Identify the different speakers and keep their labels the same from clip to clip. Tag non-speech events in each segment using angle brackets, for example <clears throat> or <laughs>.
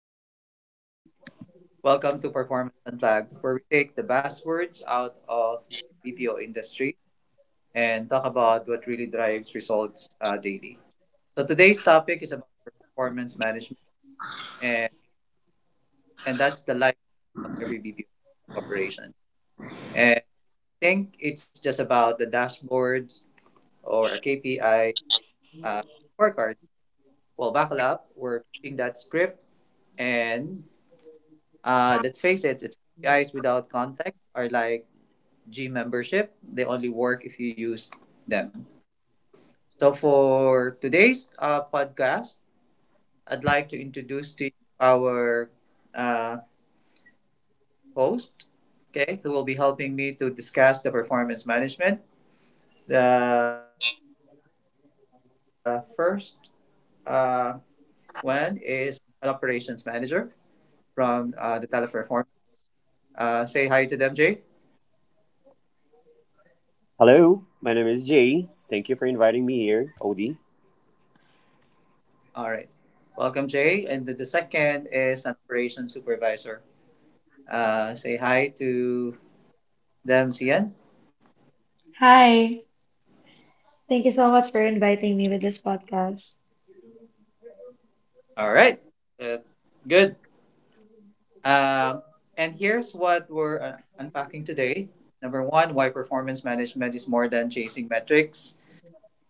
Speaker 1: Welcome to Performance Unplugged, where we take the buzzwords out of the BPO industry and talk about what really drives results daily. So today's topic is about performance management, and, and that's the life of every BPO operation. And I think it's just about the dashboards or a KPI uh, scorecard. Well, buckle up, we're flipping that script and Let's face it, it's KPIs without context are like gym membership. They only work if you use them. So for today's podcast, I'd like to introduce to you our uh, host, okay, who will be helping me to discuss the performance management. The first uh, one is an operations manager from the teleperformance. Say hi to them, Jay.
Speaker 2: Hello, my name is Jay. Thank you for inviting me here, Odie.
Speaker 1: All right. Welcome, Jay. And the second is an operations supervisor. Say hi to them, Cian.
Speaker 3: Hi, thank you so much for inviting me with this podcast.
Speaker 1: All right. That's good. Um, and here's what we're unpacking today. Number one, why performance management is more than chasing metrics.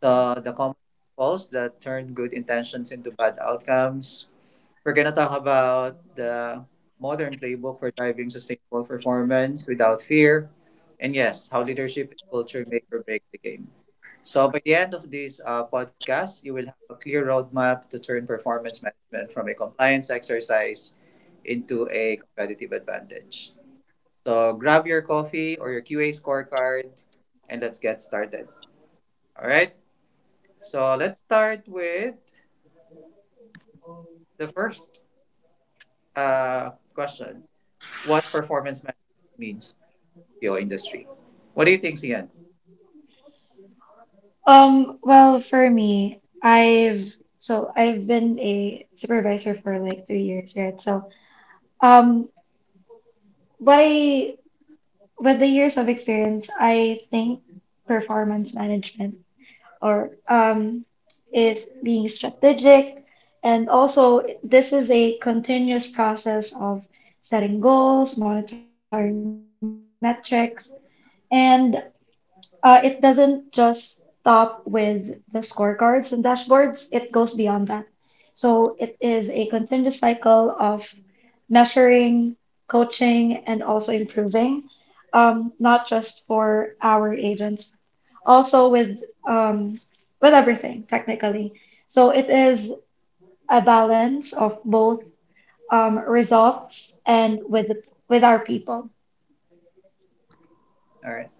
Speaker 1: So the common faults that turn good intentions into bad outcomes. We're going to talk about the modern playbook for driving sustainable performance without fear. And yes, how leadership and culture make or break the game. So, by the end of this podcast, you will have a clear roadmap to turn performance management from a compliance exercise into a competitive advantage. So, grab your coffee or your QA scorecard and let's get started. All right. So, let's start with the first question what performance management means in the BPO industry. What do you think, Sian?
Speaker 3: Well, for me, I've been a supervisor for like 3 years, right? So, um, what I With the years of experience, I think performance management or is being strategic, and also this is a continuous process of setting goals, monitoring metrics. And It doesn't just stop with the scorecards and dashboards, it goes beyond that. So it is a continuous cycle of measuring, coaching, and also improving, not just for our agents, also um, with everything technically. So it is a balance of both results and with our people.
Speaker 1: All right.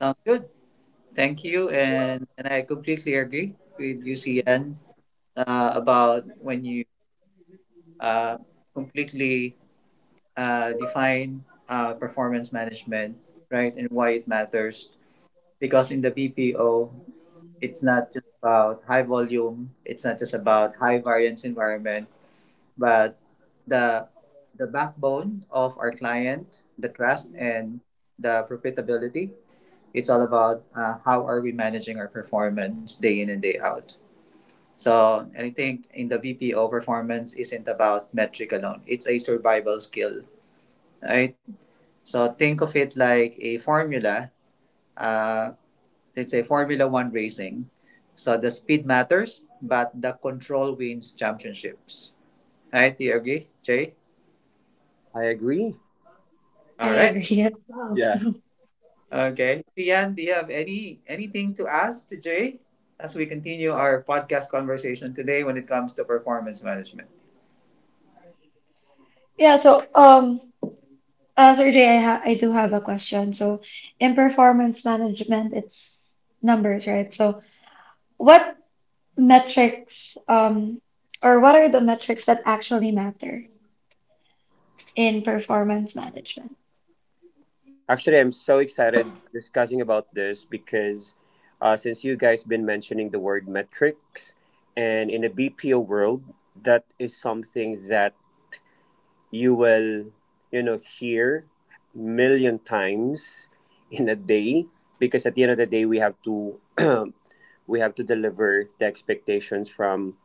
Speaker 1: Sounds good. Thank you. And I completely agree with you, Sian, about when you uh, completely define performance management, right, and why it matters. Because in the BPO, it's not just about high volume, it's not just about high variance environment, but the the backbone of our client, the trust and the profitability, it's all about how are we managing our performance day in and day out. So and I think in the BPO performance isn't about metric alone. It's a survival skill, right? So think of it like a formula. Uh, let's say Formula One racing. So the speed matters, but the control wins championships. Right? Do you agree, Jay?
Speaker 2: I agree.
Speaker 3: I
Speaker 1: All right.
Speaker 3: agree as well.
Speaker 2: Yeah.
Speaker 3: <laughs>
Speaker 1: Okay. Sian, do you have any anything to ask to Jay as we continue our podcast conversation today when it comes to performance management?
Speaker 3: Yeah, so um, Sir Jay, I do have a question. So, in performance management, it's numbers, right? So, what metrics, or what are the metrics that actually matter in performance management?
Speaker 2: Actually, I'm so excited discussing about this because since you guys been mentioning the word metrics, and in a BPO world, that is something that you will, hear million times in a day because at the end of the day, we have to <clears throat> we have to deliver the expectations from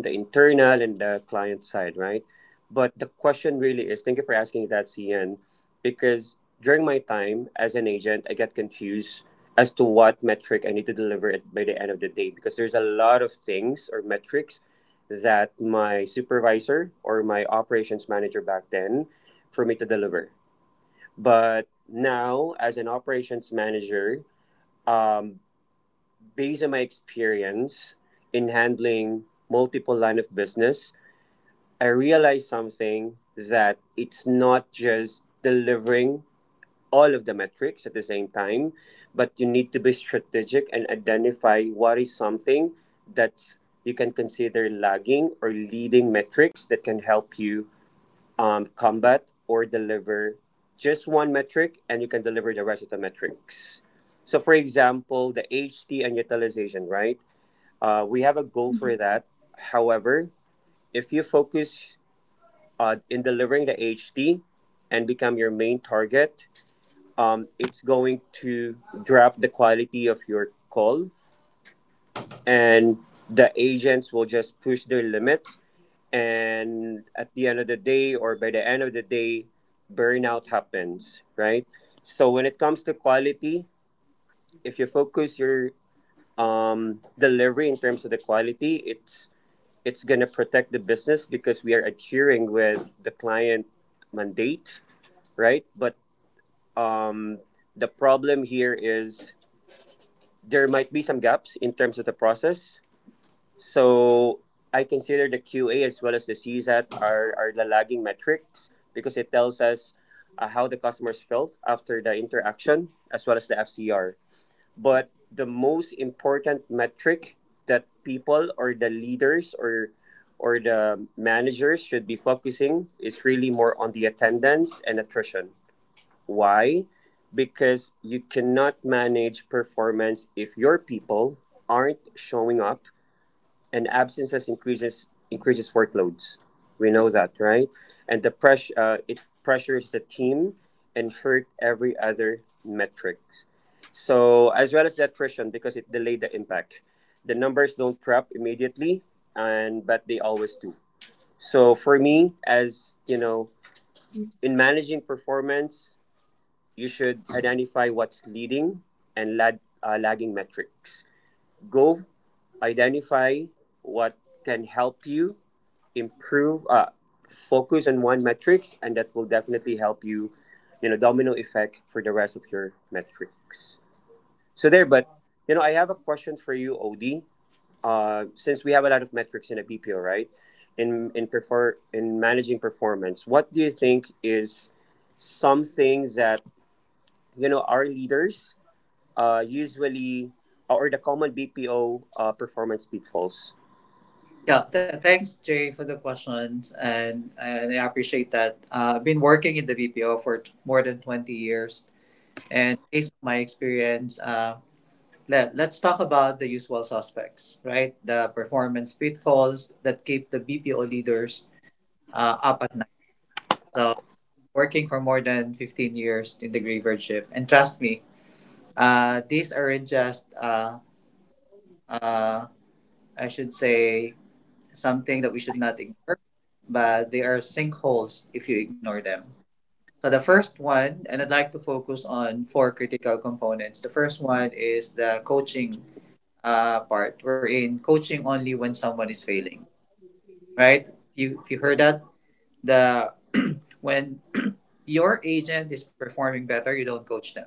Speaker 2: the internal and the client side, right? But the question really is, thank you for asking that, CN, because during my time as an agent, I get confused as to what metric I need to deliver at by the end of the day because there's a lot of things or metrics that my supervisor or my operations manager back then for me to deliver. But now, as an operations manager, um, based on my experience in handling multiple line of business, I realized something that it's not just delivering all of the metrics at the same time, but you need to be strategic and identify what is something that you can consider lagging or leading metrics that can help you combat or deliver just one metric and you can deliver the rest of the metrics. So, for example, the HT and utilization, right? We have a goal for that. However, if you focus in delivering the HD and become your main target, it's going to drop the quality of your call, and the agents will just push their limits. And at the end of the day, or by the end of the day, burnout happens, right? So when it comes to quality, if you focus your delivery in terms of the quality, it's gonna protect the business because we are adhering with the client mandate, right? But Um, the problem here is there might be some gaps in terms of the process. So I consider the QA as well as the CSAT are the lagging metrics because it tells us how the customers felt after the interaction as well as the FCR. But the most important metric that people or the leaders or the managers should be focusing is really more on the attendance and attrition. Why? Because you cannot manage performance if your people aren't showing up, and absences increases workloads. We know that, right? And the pressure, it pressures the team and hurt every other metrics. So as well as the attrition because it delayed the impact. The numbers don't prep immediately, and but they always do. So for me, as you know,
Speaker 3: Mhm.
Speaker 2: in managing performance you should identify what's leading and lagging metrics. Go identify what can help you improve, focus on one metrics, and that will definitely help you, domino effect for the rest of your metrics. So there, but I have a question for you, Odie. Since we have a lot of metrics in a BPO, right? In managing performance, what do you think is something that you know our leaders usually, or the common BPO performance pitfalls?
Speaker 1: Yeah, thanks, Jay, for the questions, and I appreciate that. I've been working in the BPO for more than 20 years, and based on my experience, let's talk about the usual suspects, right? The performance pitfalls that keep the BPO leaders up at night. So, working for more than 15 years in the graveyard shift, and trust me, these aren't just, uh, I should say, something that we should not ignore, but they are sinkholes if you ignore them. So, the first one, and I'd like to focus on four critical components. The first one is the coaching part wherein coaching only when someone is failing, right? You If you heard that the when your agent is performing better, you don't coach them.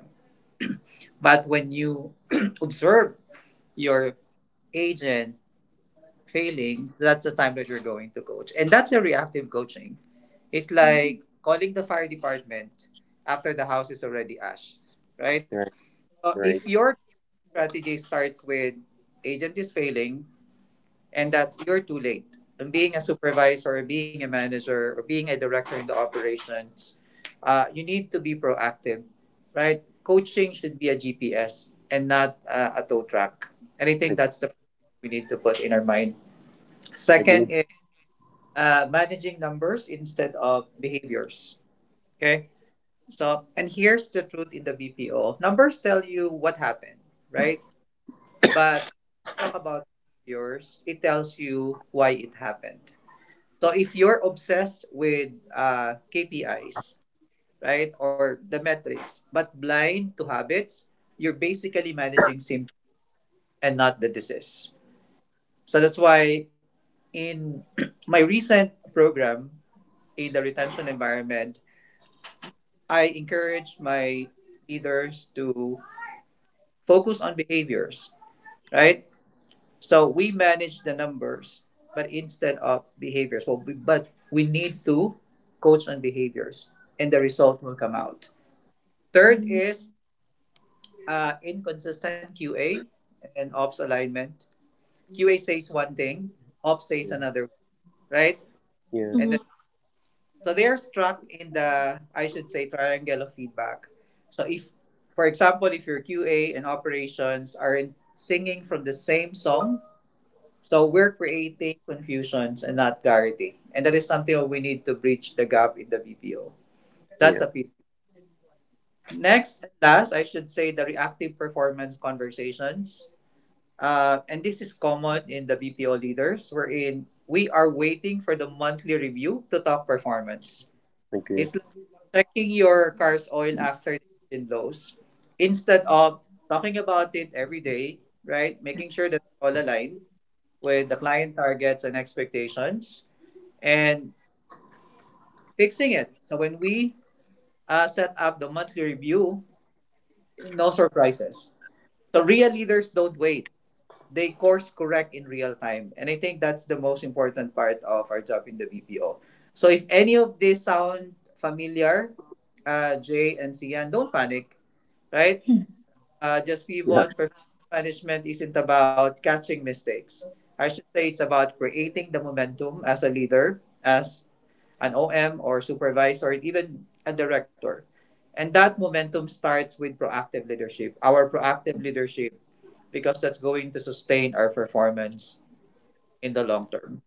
Speaker 1: But when you <clears throat> observe your agent failing, that's the time that you're going to coach, and that's a reactive coaching. It's like calling the fire department after the house is already ashed,
Speaker 2: Right,
Speaker 1: right? So
Speaker 2: right.
Speaker 1: if your strategy starts with agent is failing, and that you're too late. And being a supervisor, or being a manager, or being a director in the operations, you need to be proactive, right? Coaching should be a GPS and not a tow track. And I
Speaker 2: I
Speaker 1: think that's the we need to put in our mind.
Speaker 2: agree.
Speaker 1: Second is managing numbers instead of behaviors. Okay. So, and here's the truth in the BPO numbers tell you what happened, right? But talk about behaviors, it tells you why it happened. So if you're obsessed with KPIs, right, or the metrics, but blind to habits, you're basically managing symptoms and not the disease. So that's why in <clears throat> my recent program in the retention environment, I encourage my leaders to focus on behaviors, right? So we manage the numbers, but instead of behaviors. Well, we, but we need to coach on behaviors, and the result will come out. Third is inconsistent QA and ops alignment. QA says one thing, ops says
Speaker 2: Yeah,
Speaker 1: another one, right?
Speaker 2: yeah,
Speaker 1: And then,
Speaker 3: Mhm.
Speaker 1: so they're struck in the, I should say, triangle of feedback. So if, for example, if your QA and operations aren't singing from the same song, so we're creating confusions and not clarity. And that is something that we need to bridge the gap in the BPO. That's
Speaker 2: yeah.
Speaker 1: a bit. Next and last, I should say the reactive performance conversations. And this is common in the BPO leaders, wherein we are waiting for the monthly review to talk performance.
Speaker 2: Agree.
Speaker 1: It's like checking your car's oil after the engine blows instead of talking about it every day, right? Making sure that we're all aligned with the client targets and expectations and fixing it. So when we set up the monthly review, no surprises. So real leaders don't wait. They course correct in real time. And I think that's the most important part of our job in the BPO. So if any of this sound familiar, Jay and Sian, don't panic, right? Just
Speaker 2: Yeah.
Speaker 1: pivot. Performance management isn't about catching mistakes. I should say it's about creating the momentum as a leader, as an OM or supervisor, and even a director. And that momentum starts with proactive leadership, because that's going to sustain our performance in the long term.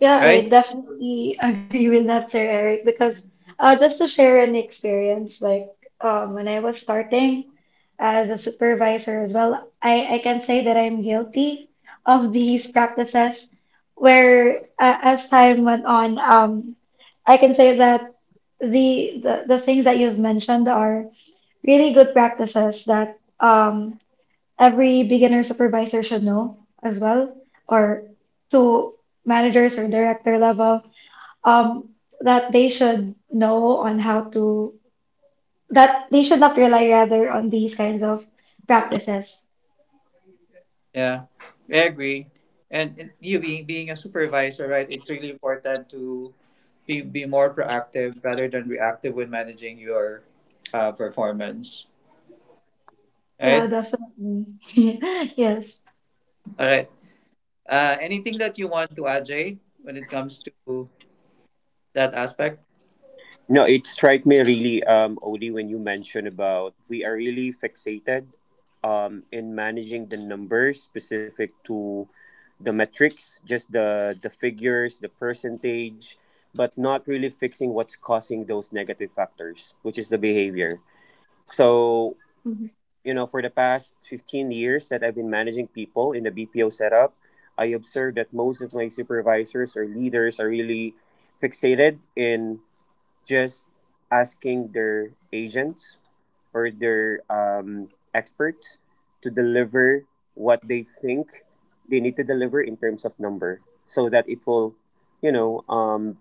Speaker 3: Yeah,
Speaker 1: Right?
Speaker 3: I definitely <laughs> agree with that, Sir Eric, because just to share an experience, like when I was starting as a supervisor as well, I can say that I'm guilty of these practices where as time went on, I can say that the things that you've mentioned are really good practices that every beginner supervisor should know as well, or to managers or director level, um, that they should know on how to, that they should not rely rather on these kinds of practices.
Speaker 1: Yeah, I agree. And you being a supervisor, right, it's really important to be more proactive rather than reactive when managing your performance.
Speaker 3: Yeah,
Speaker 1: Right?
Speaker 3: definitely. <laughs> Yes.
Speaker 1: All right. Anything that you want to add, Jay, when it comes to that aspect?
Speaker 2: No, it struck me really, Oli, when you mentioned about we are really fixated, in managing the numbers specific to the metrics, just the figures, the percentage, but not really fixing what's causing those negative factors, which is the behavior.
Speaker 3: Mhm.
Speaker 2: So, for the past 15 years that I've been managing people in the BPO setup, I observed that most of my supervisors or leaders are really fixated in just asking their agents or their experts to deliver what they think they need to deliver in terms of number so that it will, you know, um,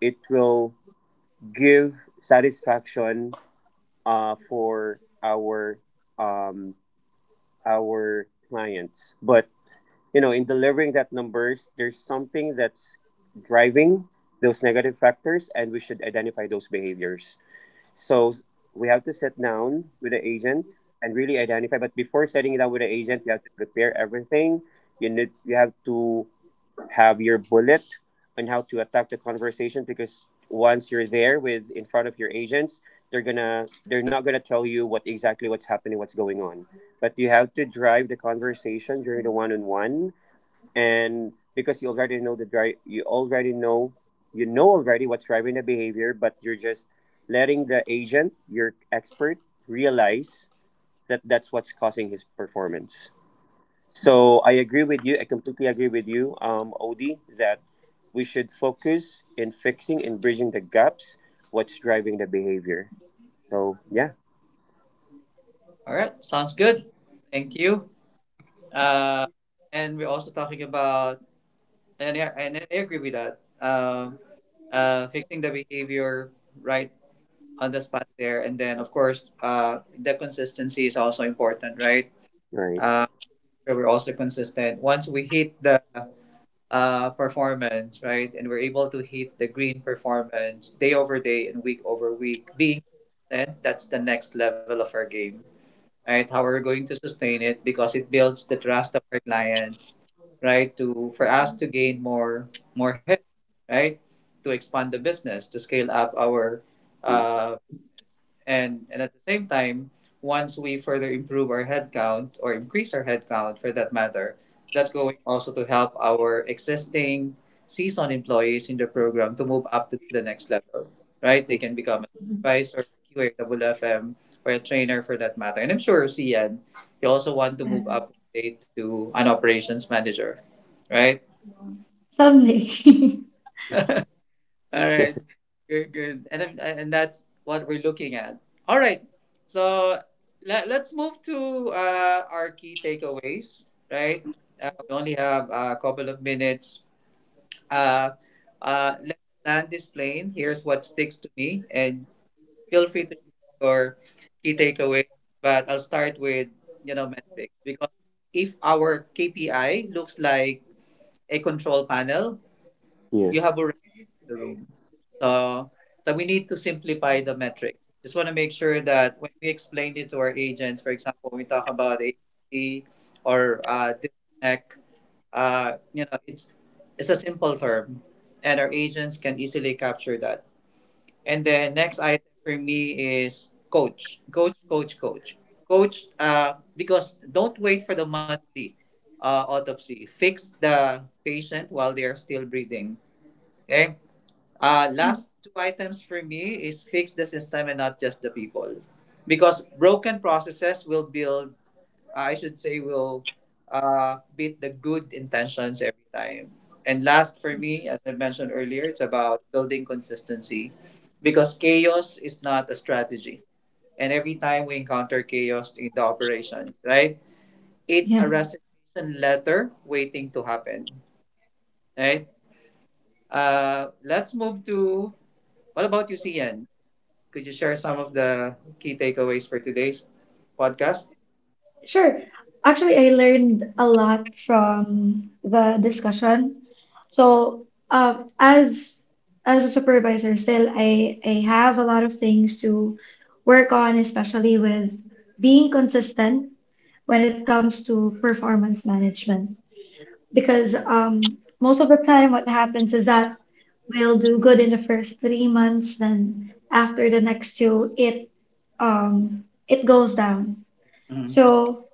Speaker 2: it will give satisfaction for um, our clients. But in delivering that numbers, there's something that's driving those negative factors, and we should identify those behaviors. So we have to sit down with the agent and really identify. But before setting it down with the agent, we have to prepare everything. You have to have your bullet on how to attack the conversation because once you're there with in front of your agents, they're not gonna tell you what exactly what's happening, what's going on, but you have to drive the conversation during the one-on-one. And because you already know the drive, you already know, you know already what's driving the behavior, but you're just letting the agent, your expert, realize that that's what's causing his performance. So I agree with you. I completely agree with you, Odie, that we should focus in fixing and bridging the gaps. What's driving the behavior? So yeah,
Speaker 1: All right. Sounds good. Thank you. Uh, and we're also talking about, and I agree with that, fixing the behavior right on the spot there. And then, of course, the consistency is also important, right?
Speaker 2: right.
Speaker 1: Uh, so we're also consistent. Once we hit the performance, right? And we're able to hit the green performance day over day and week over week. Being consistent, that's the next level of our game, right? How are we going to sustain it? Because it builds the trust of our client, right? To For us to gain more hits, right? To expand the business, to scale up our
Speaker 2: Mm.
Speaker 1: uh, and at the same time, once we further improve our headcount or increase our headcount for that matter, that's going also to help our existing seasoned employees in the program to move up to the next level, right? They
Speaker 2: Like,
Speaker 1: can become a supervisor, QAWFM, or a trainer for that matter. And I'm sure, Cian, you also want to
Speaker 3: Yeah.
Speaker 1: move up one day to an operations manager, right?
Speaker 3: Someday. <laughs>
Speaker 1: All right.
Speaker 2: <laughs>
Speaker 1: Good, good. And that's what we're looking at. All right. So, let's move to our key takeaways, right? We only have a couple of minutes. Uh, let's land this plane. Here's what sticks to me, and feel free to share your key takeaways. But I'll start with you know metrics because if our KPI looks like a control panel, you
Speaker 2: yeah,
Speaker 1: have already in the room. So, so we need to simplify the metrics. Just want to make sure that when we explain it to our agents, for example, we talk about AT or disconnect. Uh, you know, it's it's a simple term, and our agents can easily capture that. And then next item for me is coach. Because don't wait for the monthly autopsy. Fix the patient while they are still breathing. Okay, last two items for me is fix the system and not just the people. Because broken processes will build, I should say, will beat the good intentions every time. And last for me, as I mentioned earlier, it's about building consistency. Because chaos is not a strategy. And every time we encounter chaos in the operations, right? It's a
Speaker 3: Yeah.
Speaker 1: resignation letter waiting to happen, right? Let's move to what about you, CN? Could you share some of the key takeaways for today's podcast?
Speaker 3: Sure. Actually, I learned a lot from the discussion. So, as a supervisor, still I have a lot of things to work on, especially with being consistent when it comes to performance management. Because most of the time, what happens is that we'll do good in the first 3 months, then after the next two, it goes down.
Speaker 1: Mhm.
Speaker 3: So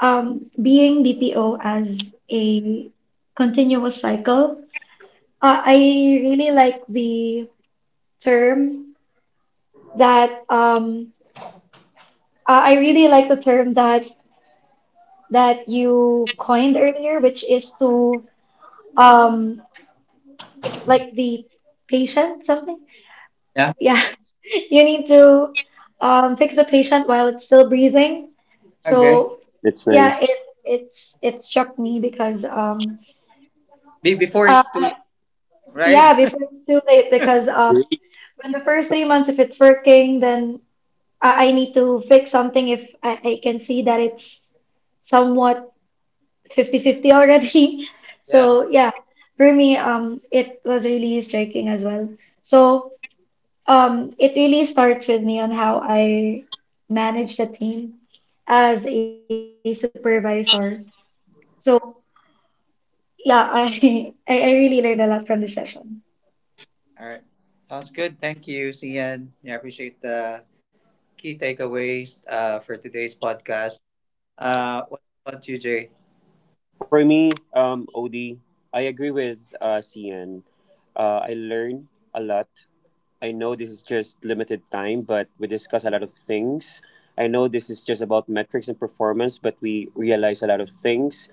Speaker 3: being BPO as a continuous cycle, I really like the term that I really like the term that that you coined earlier, which is to um, like the patient something.
Speaker 1: Yeah.
Speaker 3: Yeah, <laughs> you need to fix the patient while it's still breathing.
Speaker 1: Okay.
Speaker 3: So
Speaker 2: that's
Speaker 3: yeah,
Speaker 2: nice.
Speaker 3: it struck me because
Speaker 1: Be Before
Speaker 3: uh,
Speaker 1: it's too
Speaker 3: I-
Speaker 1: late, right?
Speaker 3: yeah,
Speaker 1: <laughs>
Speaker 3: before it's too late because when the first 3 months, if it's working, then I need to fix something if I can see that it's somewhat 50-50 already. <laughs>
Speaker 1: Yeah.
Speaker 3: So yeah, for me, it was really striking as well. So it really starts with me on how I manage the team as a supervisor. So yeah, I <laughs> I really learned a lot from this session.
Speaker 1: All right. Sounds good. Thank you, Cian. I appreciate the key takeaways for today's podcast. What about you, Jay?
Speaker 2: For me, Odie, I agree with CN. I learn a lot. I know this is just limited time, but we discuss a lot of things. I know this is just about metrics and performance, but we realize a lot of things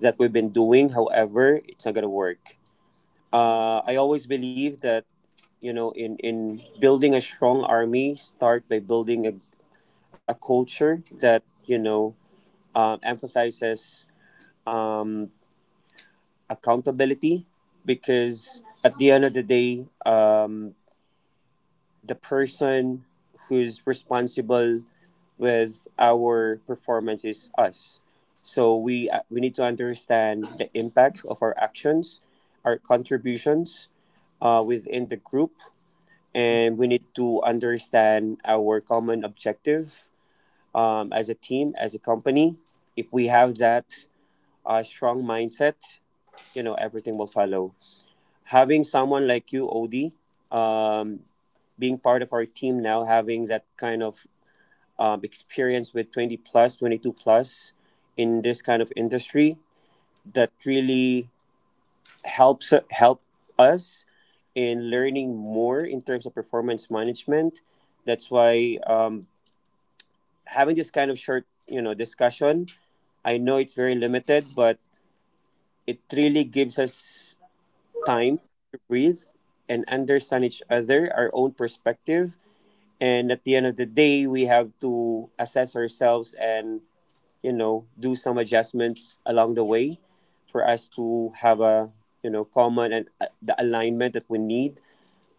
Speaker 2: that we've been doing. However, it's not gonna work. I always believe that, in building a strong army, start by building a culture that emphasizes um, accountability, because at the end of the day, the person who's responsible with our performance is us. So we need to understand the impact of our actions, our contributions within the group, and we need to understand our common objective, as a team, as a company. If we have that strong mindset, everything will follow, having someone like you, Odie, um, being part of our team now, having that kind of experience with 20 plus, 22 plus in this kind of industry, that really helps help us in learning more in terms of performance management. That's why, having this kind of short, discussion. I know it's very limited, but it really gives us time to breathe and understand each other, our own perspective. And at the end of the day, we have to assess ourselves and, do some adjustments along the way for us to have a, common and the alignment that we need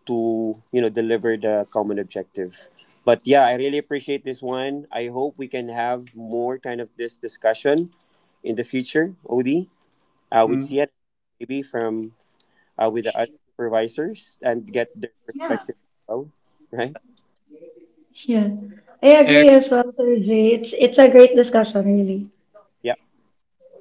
Speaker 2: to, deliver the common objective. But yeah, I really appreciate this one. I hope we can have more kind of this discussion in the future, Odie, with
Speaker 1: Mm.
Speaker 2: Sian, maybe from with the other supervisors and get their
Speaker 3: Yeah.
Speaker 2: perspective as well, right?
Speaker 3: Yeah, I agree as well, Sir Jay. It's a great discussion, really.
Speaker 2: Yeah.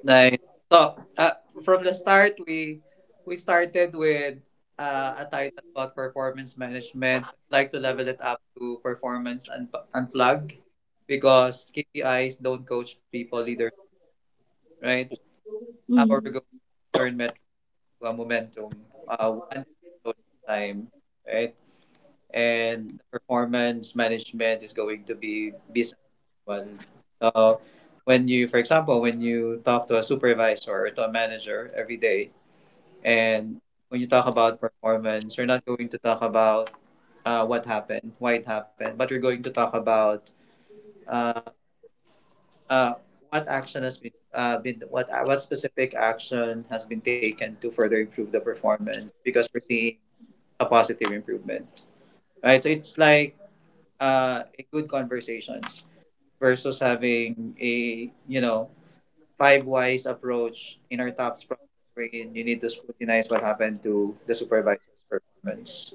Speaker 1: Nice. So, from the start, we started with a title about performance management. I'd like to level it up to performance and unplug because KPIs don't coach people leaders, right? How are we going
Speaker 3: Mm.
Speaker 1: to turn metric to a momentum, one episode at a time, right? And the performance management is going to be business as well. So, when you, for example, when you talk to a supervisor or to a manager every day, and when you talk about performance, you're not going to talk about what happened, why it happened, but you're going to talk about uh, uh, what action has been what specific action has been taken to further improve the performance because we're seeing a positive improvement, right? So it's like a good conversations versus having a 5 whys approach in our tops process wherein you need to scrutinize what happened to the supervisor's performance.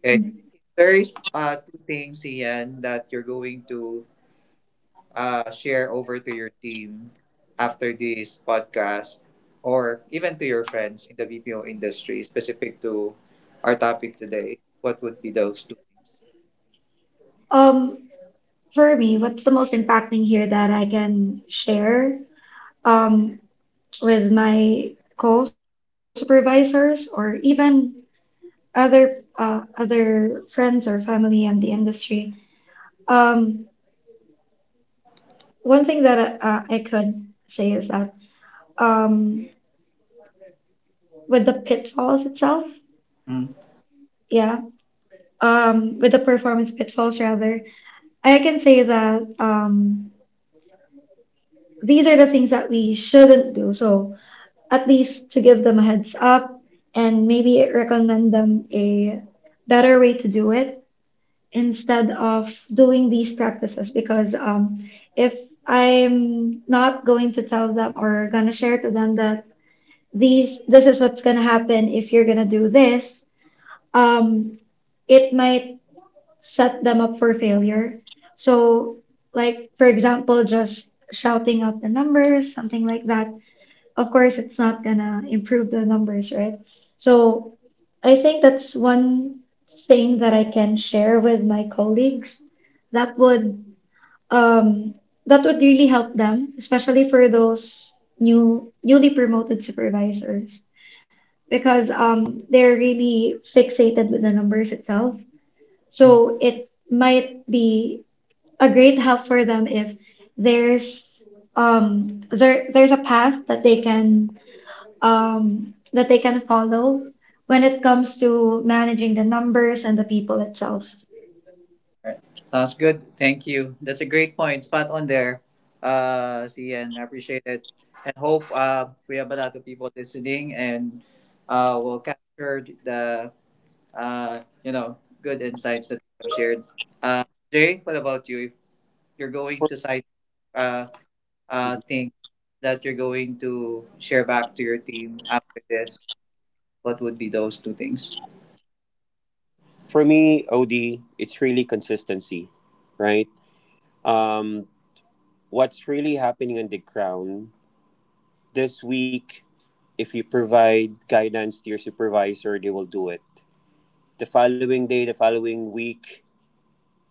Speaker 1: Okay.
Speaker 3: Mhm.
Speaker 1: If there is two things, Ian, that you're going to share over to your team after this podcast, or even to your friends in the BPO industry, specific to our topic today, what would be those two things?
Speaker 3: Um, for me, what's the most impacting here that I can share um, with my co-supervisors or even other other friends or family in the industry? Um, One thing that I could say is that um, with the pitfalls itself,
Speaker 1: Mm.
Speaker 3: yeah, with the performance pitfalls rather, I can say that these are the things that we shouldn't do. So at least to give them a heads up and maybe recommend them a better way to do it instead of doing these practices because if I'm not going to tell them or gonna share to them that these this is what's gonna happen if you're gonna do this, um, it might set them up for failure. So, like, for example, just shouting out the numbers, something like that, of course it's not gonna improve the numbers, right? So I think that's one thing that I can share with my colleagues that would um that would really help them, especially for those newly promoted supervisors because they're really fixated with the numbers itself.
Speaker 1: Mm.
Speaker 3: So it might be a great help for them if there's there there's a path that they can follow when it comes to managing the numbers and the people itself.
Speaker 1: Alright. Sounds good. Thank you. That's a great point. Spot on there, Ian. I appreciate it. And hope we have a lot of people listening and will capture the uh, you know, good insights that you have shared. Uh, Jay, what about you? If you're going
Speaker 2: For,
Speaker 1: to cite uh,
Speaker 2: mhm.
Speaker 1: things that you're going to share back to your team after this, what would be those two things?
Speaker 2: For me, OD, it's really consistency, right? Um, what's really happening on the ground this week, if you provide guidance to your supervisor, they will do it. The following day, the following week,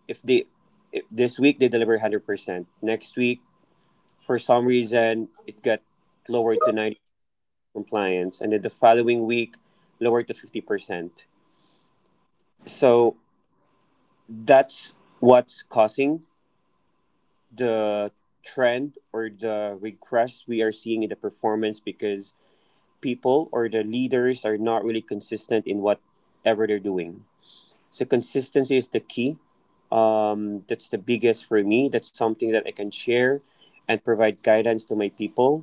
Speaker 2: if they if this week they deliver 100%, next week, for some reason, it got lowered to 90 compliance, and then the following week lower to 50%. So that's what's causing the trend or the regress we are seeing in the performance because people or the leaders are not really consistent in whatever they're doing. So consistency is the key. That's the biggest for me. That's something that I can share and provide guidance to my people.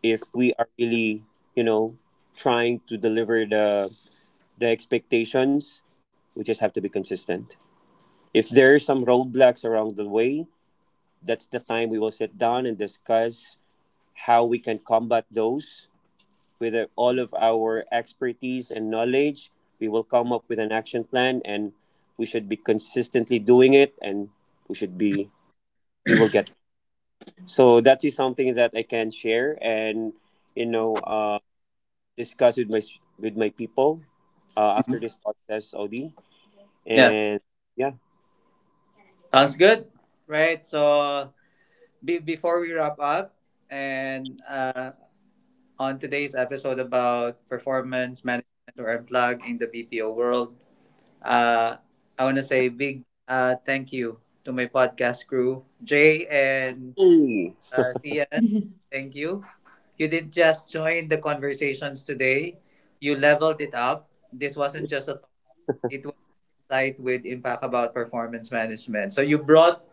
Speaker 2: If we are really, you know, trying to deliver the expectations, we just have to be consistent. If there are some roadblocks along the way, that's the time we will sit down and discuss how we can combat those with, all of our expertise and knowledge. We will come up with an action plan, and we should be consistently doing it, and we should be we will get. So that is something that I can share and, you know uh, discuss with my people after
Speaker 1: Mhm.
Speaker 2: this podcast, Audi,
Speaker 1: Yeah,
Speaker 2: and yeah.
Speaker 1: sounds good. Right. So before we wrap up and on today's episode about performance management or unplug in the BPO world, Uh, I want to say big thank you to my podcast crew, Jay and
Speaker 2: Hey. <laughs>
Speaker 1: Sian.
Speaker 3: Mhm.
Speaker 1: Thank you. You didn't just join the conversations today, you leveled it up. This wasn't just a talk, it was a site with impact about performance management. So you brought,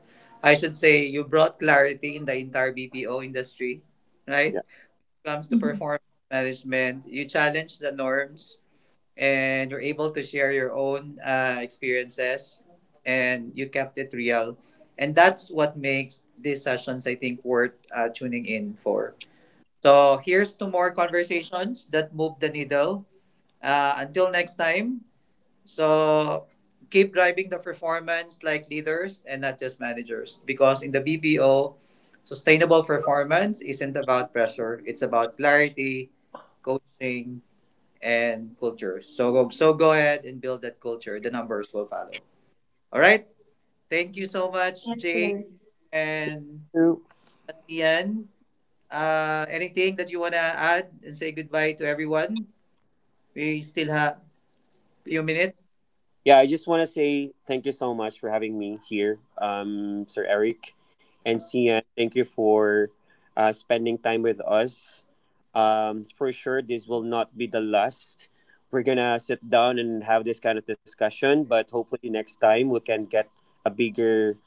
Speaker 1: I should say, you brought clarity in the entire BPO industry, right?
Speaker 2: Yeah.
Speaker 1: When it comes to
Speaker 3: Mhm.
Speaker 1: performance management, you challenge the norms and you're able to share your own experiences and you kept it real and that's what makes these sessions I think worth tuning in for. So here's to more conversations that move the needle, until next time. So keep driving the performance like leaders and not just managers because in the BPO, sustainable performance isn't about pressure, it's about clarity, coaching, and culture. So go ahead and build that culture. The numbers will follow. All right. Thank you so much,
Speaker 3: Yes,
Speaker 1: Jay
Speaker 3: sir.
Speaker 1: and
Speaker 2: True.
Speaker 1: Sian. Anything that you wanna add and say goodbye to everyone? We still have few minutes.
Speaker 2: Yeah, I just want to say thank you so much for having me here, Sir Eric and Sian. Thank you for spending time with us. For sure, this will not be the last. We're gonna sit down and have this kind of discussion, but hopefully next time we can get a bigger,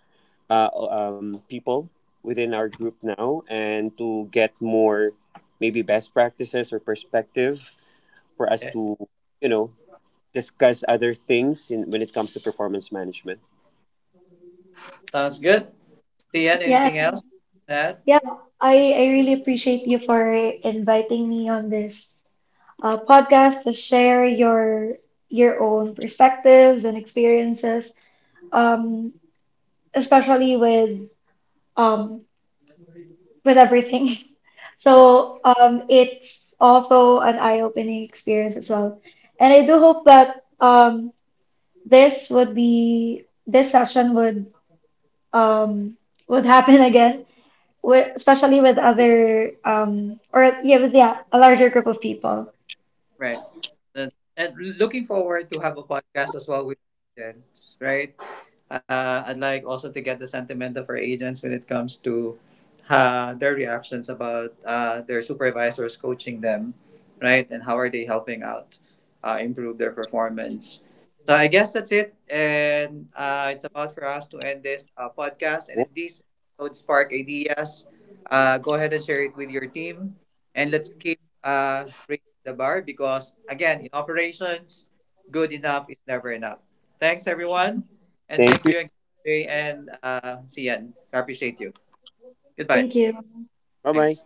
Speaker 2: people within our group now and to get more maybe best practices or perspective for us
Speaker 1: Okay.
Speaker 2: to, you know discuss other things in, when it comes to performance management.
Speaker 1: Sounds good. Sian, anything
Speaker 3: Yeah,
Speaker 1: else to add?
Speaker 3: yeah. I really appreciate you for inviting me on this podcast to share your own perspectives and experiences, um, especially um, with everything. <laughs> So it's also an eye-opening experience as well. And I do hope that this session um would happen <laughs> again with, especially with other or yeah with yeah a larger group of people.
Speaker 1: Right. And, and looking forward to have a podcast as well with agents, right? I'd like also to get the sentiment of our agents when it comes to their reactions about their supervisors coaching them, right? And how are they helping out improve their performance? So I guess that's it. And it's about for us to end this podcast. And if these episodes spark ideas, go ahead and share it with your team. And let's keep uh, the bar because, again, in operations, good enough is never enough. Thanks, everyone. And
Speaker 2: Thank
Speaker 1: thank
Speaker 2: you.
Speaker 1: you, and see you. I appreciate you. Goodbye.
Speaker 3: Thank you.
Speaker 2: Bye bye.
Speaker 1: Thanks.